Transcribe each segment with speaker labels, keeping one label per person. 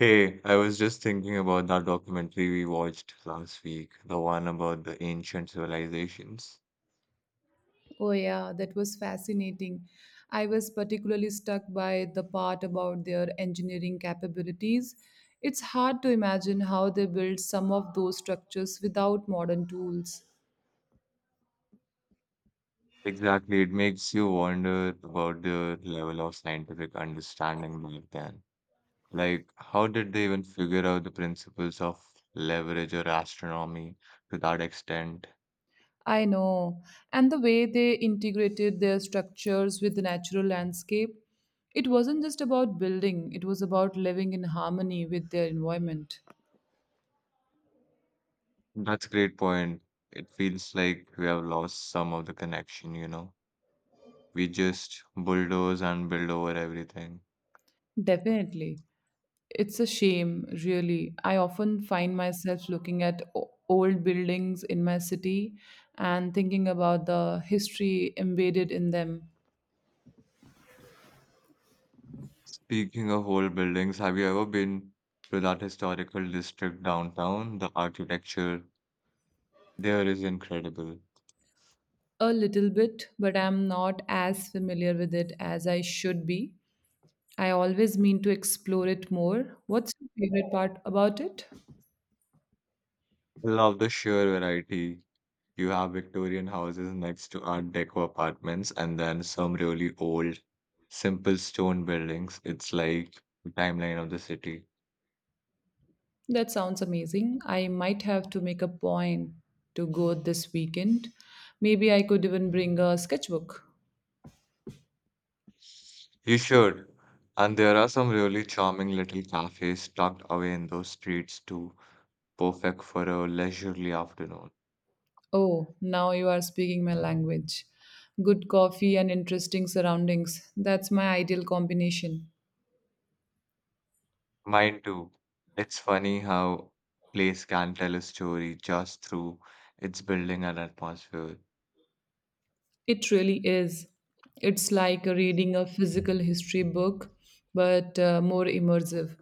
Speaker 1: Hey, I was just thinking about that documentary we watched last week, the one about the ancient civilizations.
Speaker 2: Oh, yeah, that was fascinating. I was particularly struck by the part about their engineering capabilities. It's hard to imagine how they built some of those structures without modern tools.
Speaker 1: Exactly, it makes you wonder about the level of scientific understanding back then. Like, how did they even figure out the principles of leverage or astronomy to that extent?
Speaker 2: I know. And the way they integrated their structures with the natural landscape, it wasn't just about building, it was about living in harmony with their environment.
Speaker 1: That's a great point. It feels like we have lost some of the connection, you know? We just bulldoze and build over everything.
Speaker 2: Definitely. It's a shame, really. I often find myself looking at old buildings in my city and thinking about the history embedded in them
Speaker 1: Speaking of old buildings, have you ever been to that historical district downtown? The architecture there is incredible.
Speaker 2: a little bit, but I'm not as familiar with it as I should be. I always mean to explore it more. What's your favorite part about it?
Speaker 1: I love the sheer variety. You have Victorian houses next to Art Deco apartments, and then some really old, simple stone buildings. It's like the timeline of the city.
Speaker 2: That sounds amazing. I might have to make a point to go this weekend. Maybe I could even bring a sketchbook.
Speaker 1: You should. And there are some really charming little cafes tucked away in those streets too, perfect for a leisurely afternoon.
Speaker 2: Oh, now you are speaking my language. Good coffee and interesting surroundings. That's my ideal combination.
Speaker 1: Mine too. It's funny how place can tell a story just through its building and atmosphere.
Speaker 2: It really is. It's like reading a physical history book, but more immersive.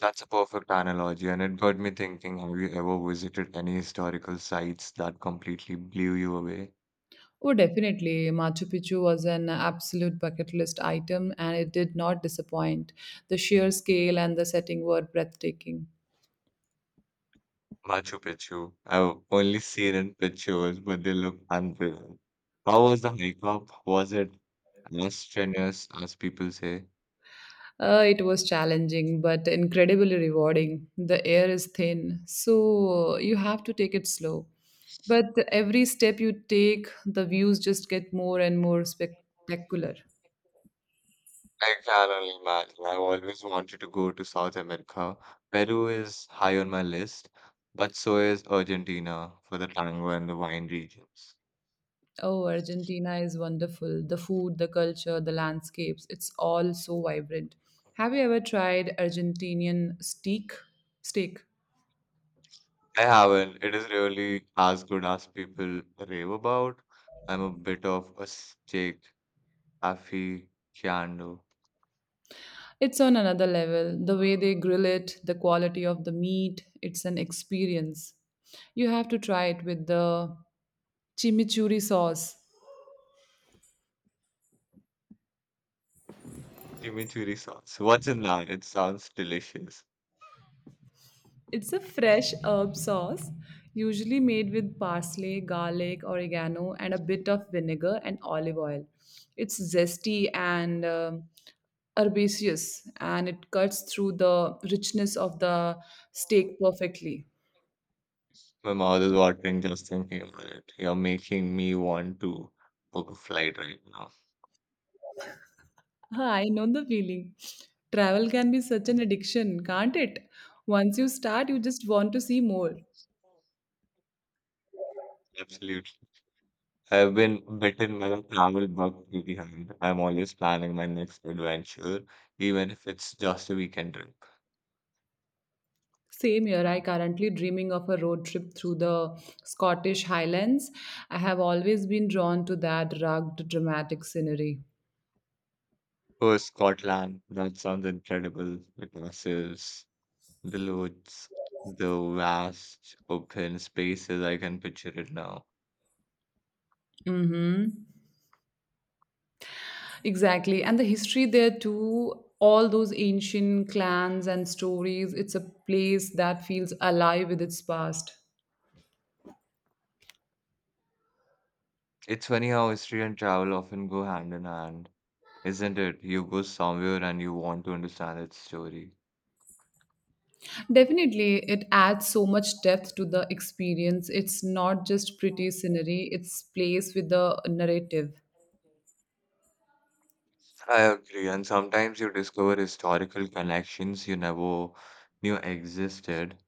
Speaker 1: That's a perfect analogy, and it got me thinking, have you ever visited any historical sites that completely blew you away?
Speaker 2: Oh, definitely. Machu Picchu was an absolute bucket list item and it did not disappoint. The sheer scale and the setting were breathtaking.
Speaker 1: Machu Picchu. I've only seen in pictures, but they look unreal. How was the hike up? Was it as strenuous as people say?
Speaker 2: It was challenging, but incredibly rewarding. The air is thin, so you have to take it slow. But every step you take, the views just get more and more spectacular.
Speaker 1: Like, I can only imagine. I've always wanted to go to South America. Peru is high on my list, but so is Argentina for the tango and the wine regions.
Speaker 2: Oh, Argentina is wonderful. The food, the culture, the landscapes, it's all so vibrant. Have you ever tried Argentinian steak? Steak.
Speaker 1: I haven't. It is really as good as people rave about. I'm a bit of a steak aficionado.
Speaker 2: It's on another level. The way they grill it, the quality of the meat, it's an experience. You have to try it with the Chimichurri sauce.
Speaker 1: Chimichurri sauce. What's in that? It sounds delicious.
Speaker 2: It's a fresh herb sauce, usually made with parsley, garlic, oregano, and a bit of vinegar and olive oil. It's zesty and herbaceous, and it cuts through the richness of the steak perfectly.
Speaker 1: My mouth is watering just thinking about it. You're making me want to book a flight right now.
Speaker 2: Ah, I know the feeling. Travel can be such an addiction, can't it? Once you start, you just want to see more.
Speaker 1: Absolutely. I've been bitten by a travel bug pretty hard. I'm always planning my next adventure, even if it's just a weekend trip.
Speaker 2: Same year, I currently dreaming of a road trip through the Scottish Highlands. I have always been drawn to that rugged, dramatic scenery.
Speaker 1: Oh, Scotland, that sounds incredible. The castles, the loads, the vast open spaces, I can picture it now.
Speaker 2: Mm-hmm. Exactly. And the history there too, all those ancient clans and stories, it's a place that feels alive with its past.
Speaker 1: It's funny how history and travel often go hand in hand, isn't it? You go somewhere and you want to understand its story.
Speaker 2: Definitely, it adds so much depth to the experience. It's not just pretty scenery, it's place with the narrative.
Speaker 1: I agree, and sometimes you discover historical connections you never knew existed.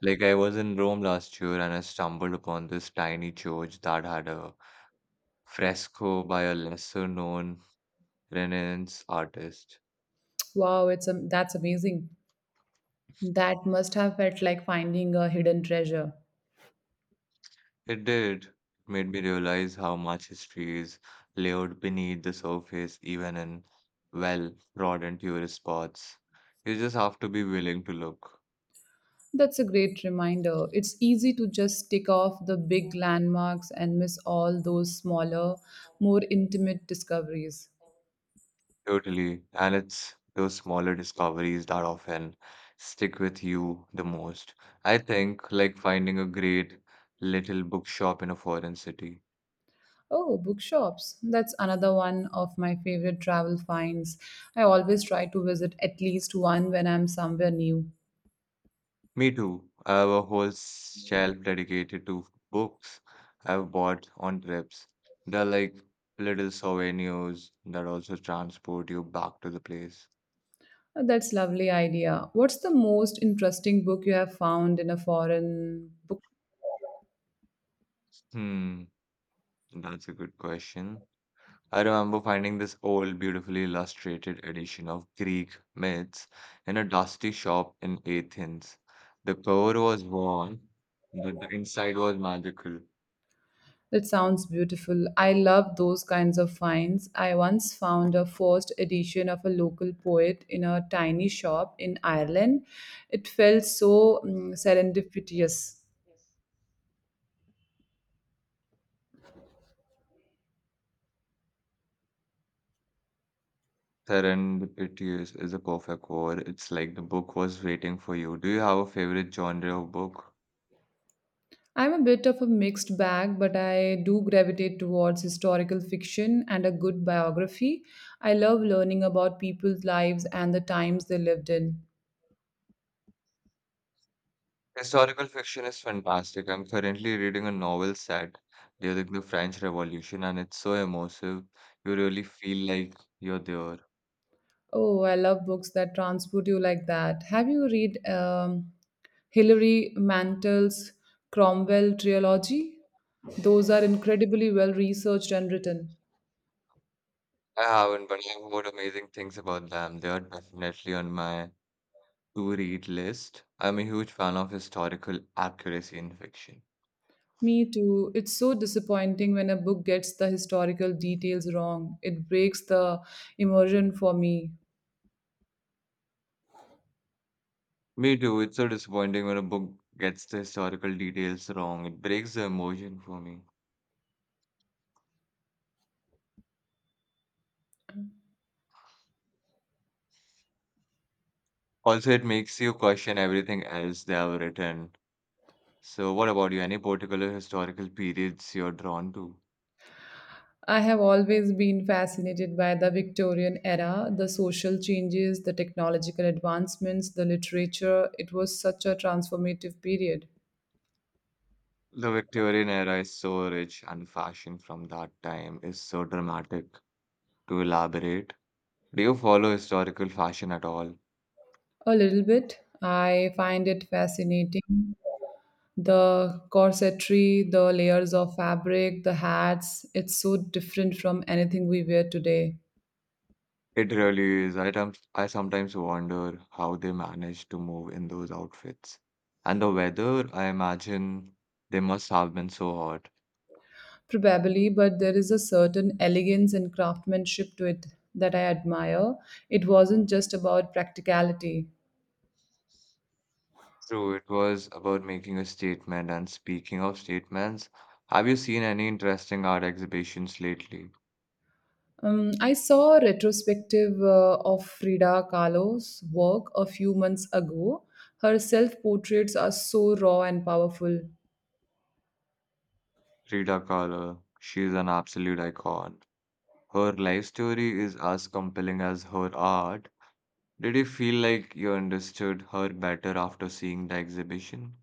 Speaker 1: Like I was in Rome last year and I stumbled upon this tiny church that had a fresco by a lesser-known Renaissance artist.
Speaker 2: Wow, it's that's amazing. That must have felt like finding a hidden treasure.
Speaker 1: It did. It made me realize how much history is layered beneath the surface, even in well-trodden tourist spots. You just have to be willing to look.
Speaker 2: That's a great reminder. It's easy to just tick off the big landmarks and miss all those smaller, more intimate discoveries.
Speaker 1: Totally. And it's those smaller discoveries that often stick with you the most. I think like finding a great little bookshop in a foreign city.
Speaker 2: Oh, bookshops. That's another one of my favorite travel finds. I always try to visit at least one when I'm somewhere new.
Speaker 1: Me too. I have a whole shelf dedicated to books I've bought on trips. They're like little souvenirs that also transport you back to the place.
Speaker 2: That's lovely idea. What's the most interesting book you have found in a foreign book?
Speaker 1: Hmm, that's a good question. I remember finding this old, beautifully illustrated edition of Greek myths in a dusty shop in Athens. The cover was worn, but the inside was magical.
Speaker 2: That sounds beautiful. I love those kinds of finds. I once found a first edition of a local poet in a tiny shop in Ireland. It felt so serendipitous.
Speaker 1: Serendipitous is a perfect word. It's like the book was waiting for you. Do you have a favorite genre of book?
Speaker 2: I'm a bit of a mixed bag, but I do gravitate towards historical fiction and a good biography. I love learning about people's lives and the times they lived in.
Speaker 1: Historical fiction is fantastic. I'm currently reading a novel set during the French Revolution, and it's so emotive. You really feel like you're there.
Speaker 2: Oh, I love books that transport you like that. Have you read Hilary Mantel's Cromwell trilogy? Those are incredibly well researched and written.
Speaker 1: I haven't, but I have heard amazing things about them. They are definitely on my to-read list. I'm a huge fan of historical accuracy in fiction.
Speaker 2: Me too. It's so disappointing when a book gets the historical details wrong. It breaks the immersion for me.
Speaker 1: Me too. It's so disappointing when a book gets the historical details wrong. It breaks the emotion for me. Also, it makes you question everything else they have written. So, what about you? Any particular historical periods you're drawn to?
Speaker 2: I have always been fascinated by the Victorian era, the social changes, the technological advancements, the literature. It was such a transformative period.
Speaker 1: The Victorian era is so rich, and fashion from that time is so dramatic. To elaborate, do you follow historical fashion at all?
Speaker 2: A little bit. I find it fascinating. The corsetry, the layers of fabric, the hats, it's so different from anything we wear today.
Speaker 1: It really is. I sometimes wonder how they manage to move in those outfits. And the weather, I imagine they must have been so hot.
Speaker 2: Probably, but there is a certain elegance and craftsmanship to it that I admire. It wasn't just about practicality.
Speaker 1: True, it was about making a statement. And speaking of statements, have you seen any interesting art exhibitions lately?
Speaker 2: I saw a retrospective of Frida Kahlo's work a few months ago. Her self portraits are so raw and powerful.
Speaker 1: Frida Kahlo, she's an absolute icon. Her life story is as compelling as her art. Did you feel like you understood her better after seeing the exhibition?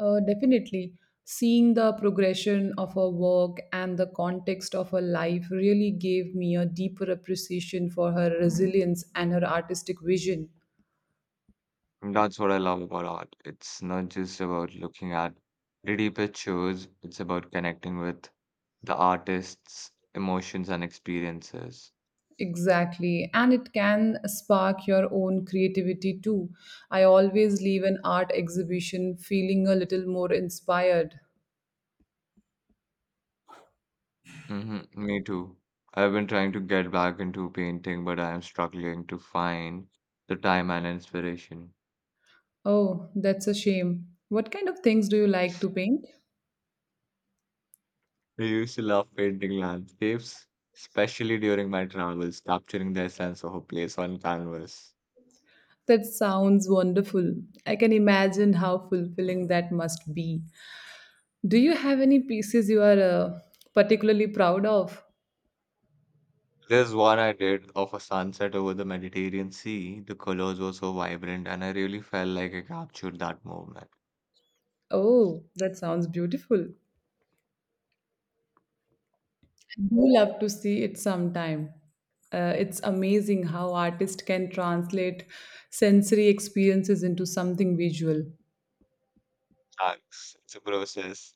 Speaker 2: Definitely. Seeing the progression of her work and the context of her life really gave me a deeper appreciation for her resilience and her artistic vision.
Speaker 1: And that's what I love about art. It's not just about looking at pretty pictures, it's about connecting with the artist's emotions and experiences.
Speaker 2: Exactly. And it can spark your own creativity too. I always leave an art exhibition feeling a little more inspired.
Speaker 1: Me too. I've been trying to get back into painting, but I am struggling to find the time and inspiration.
Speaker 2: Oh, that's a shame. What kind of things do you like to paint?
Speaker 1: I used to love painting landscapes, especially during my travels, capturing the essence of a place on canvas.
Speaker 2: That sounds wonderful. I can imagine how fulfilling that must be. Do you have any pieces you are particularly proud of?
Speaker 1: There's one I did of a sunset over the Mediterranean Sea. The colors were so vibrant, and I really felt like I captured that moment.
Speaker 2: Oh, that sounds beautiful. I do love to see it sometime. It's amazing how artists can translate sensory experiences into something visual.
Speaker 1: Thanks. It's a process.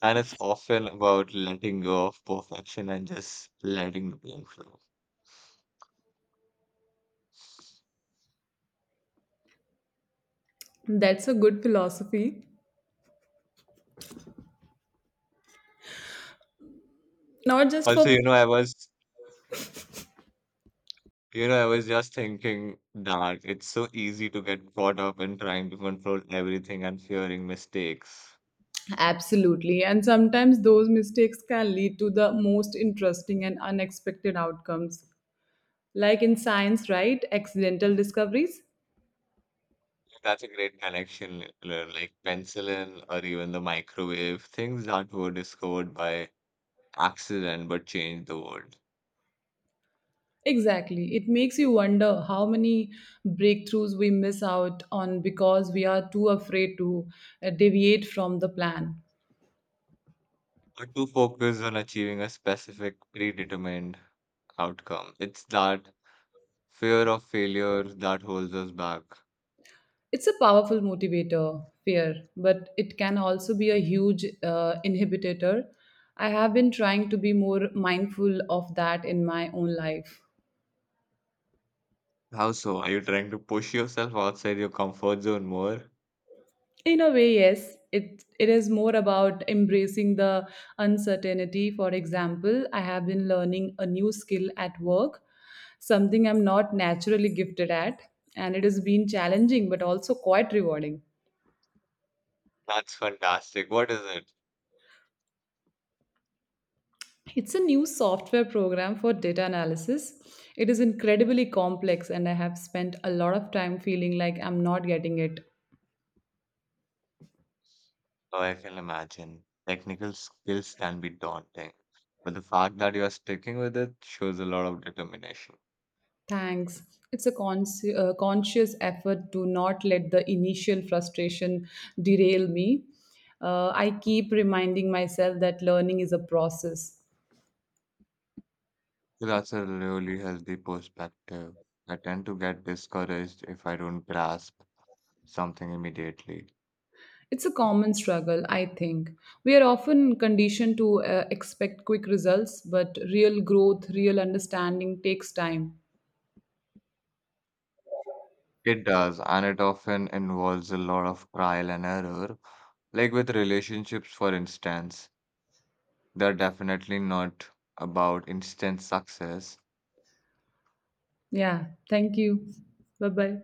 Speaker 1: And it's often about letting go of perfection and just letting the thing flow.
Speaker 2: That's a good philosophy. Not just
Speaker 1: Also,
Speaker 2: for
Speaker 1: you know, I was just thinking that it's so easy to get caught up in trying to control everything and fearing mistakes.
Speaker 2: absolutely, and sometimes those mistakes can lead to the most interesting and unexpected outcomes. Like in science, right? Accidental discoveries.
Speaker 1: That's a great connection, like penicillin or even the microwave, things that were discovered by accident but change the world,
Speaker 2: Exactly. It makes you wonder how many breakthroughs we miss out on because we are too afraid to deviate from the plan.
Speaker 1: or too focused on achieving a specific predetermined outcome. It's that fear of failure that holds us back.
Speaker 2: It's a powerful motivator, fear, but it can also be a huge inhibitor. I have been trying to be more mindful of that in my own life.
Speaker 1: How so? Are you trying to push yourself outside your comfort zone more?
Speaker 2: In a way, yes, it is more about embracing the uncertainty. For example, I have been learning a new skill at work, something I'm not naturally gifted at, and it has been challenging but also quite rewarding.
Speaker 1: That's fantastic. What is it?
Speaker 2: It's a new software program for data analysis. It is incredibly complex and I have spent a lot of time feeling like I'm not getting it.
Speaker 1: Oh, I can imagine. Technical skills can be daunting, but the fact that you are sticking with it shows a lot of determination.
Speaker 2: Thanks. It's a conscious effort to not let the initial frustration derail me. I keep reminding myself that learning is a process.
Speaker 1: So that's a really healthy perspective. I tend to get discouraged if I don't grasp something immediately.
Speaker 2: It's a common struggle, I think. We are often conditioned to expect quick results, but real growth, real understanding takes time.
Speaker 1: It does, and it often involves a lot of trial and error. Like with relationships, for instance, they're definitely not about instant success.
Speaker 2: Yeah. Thank you. Bye bye.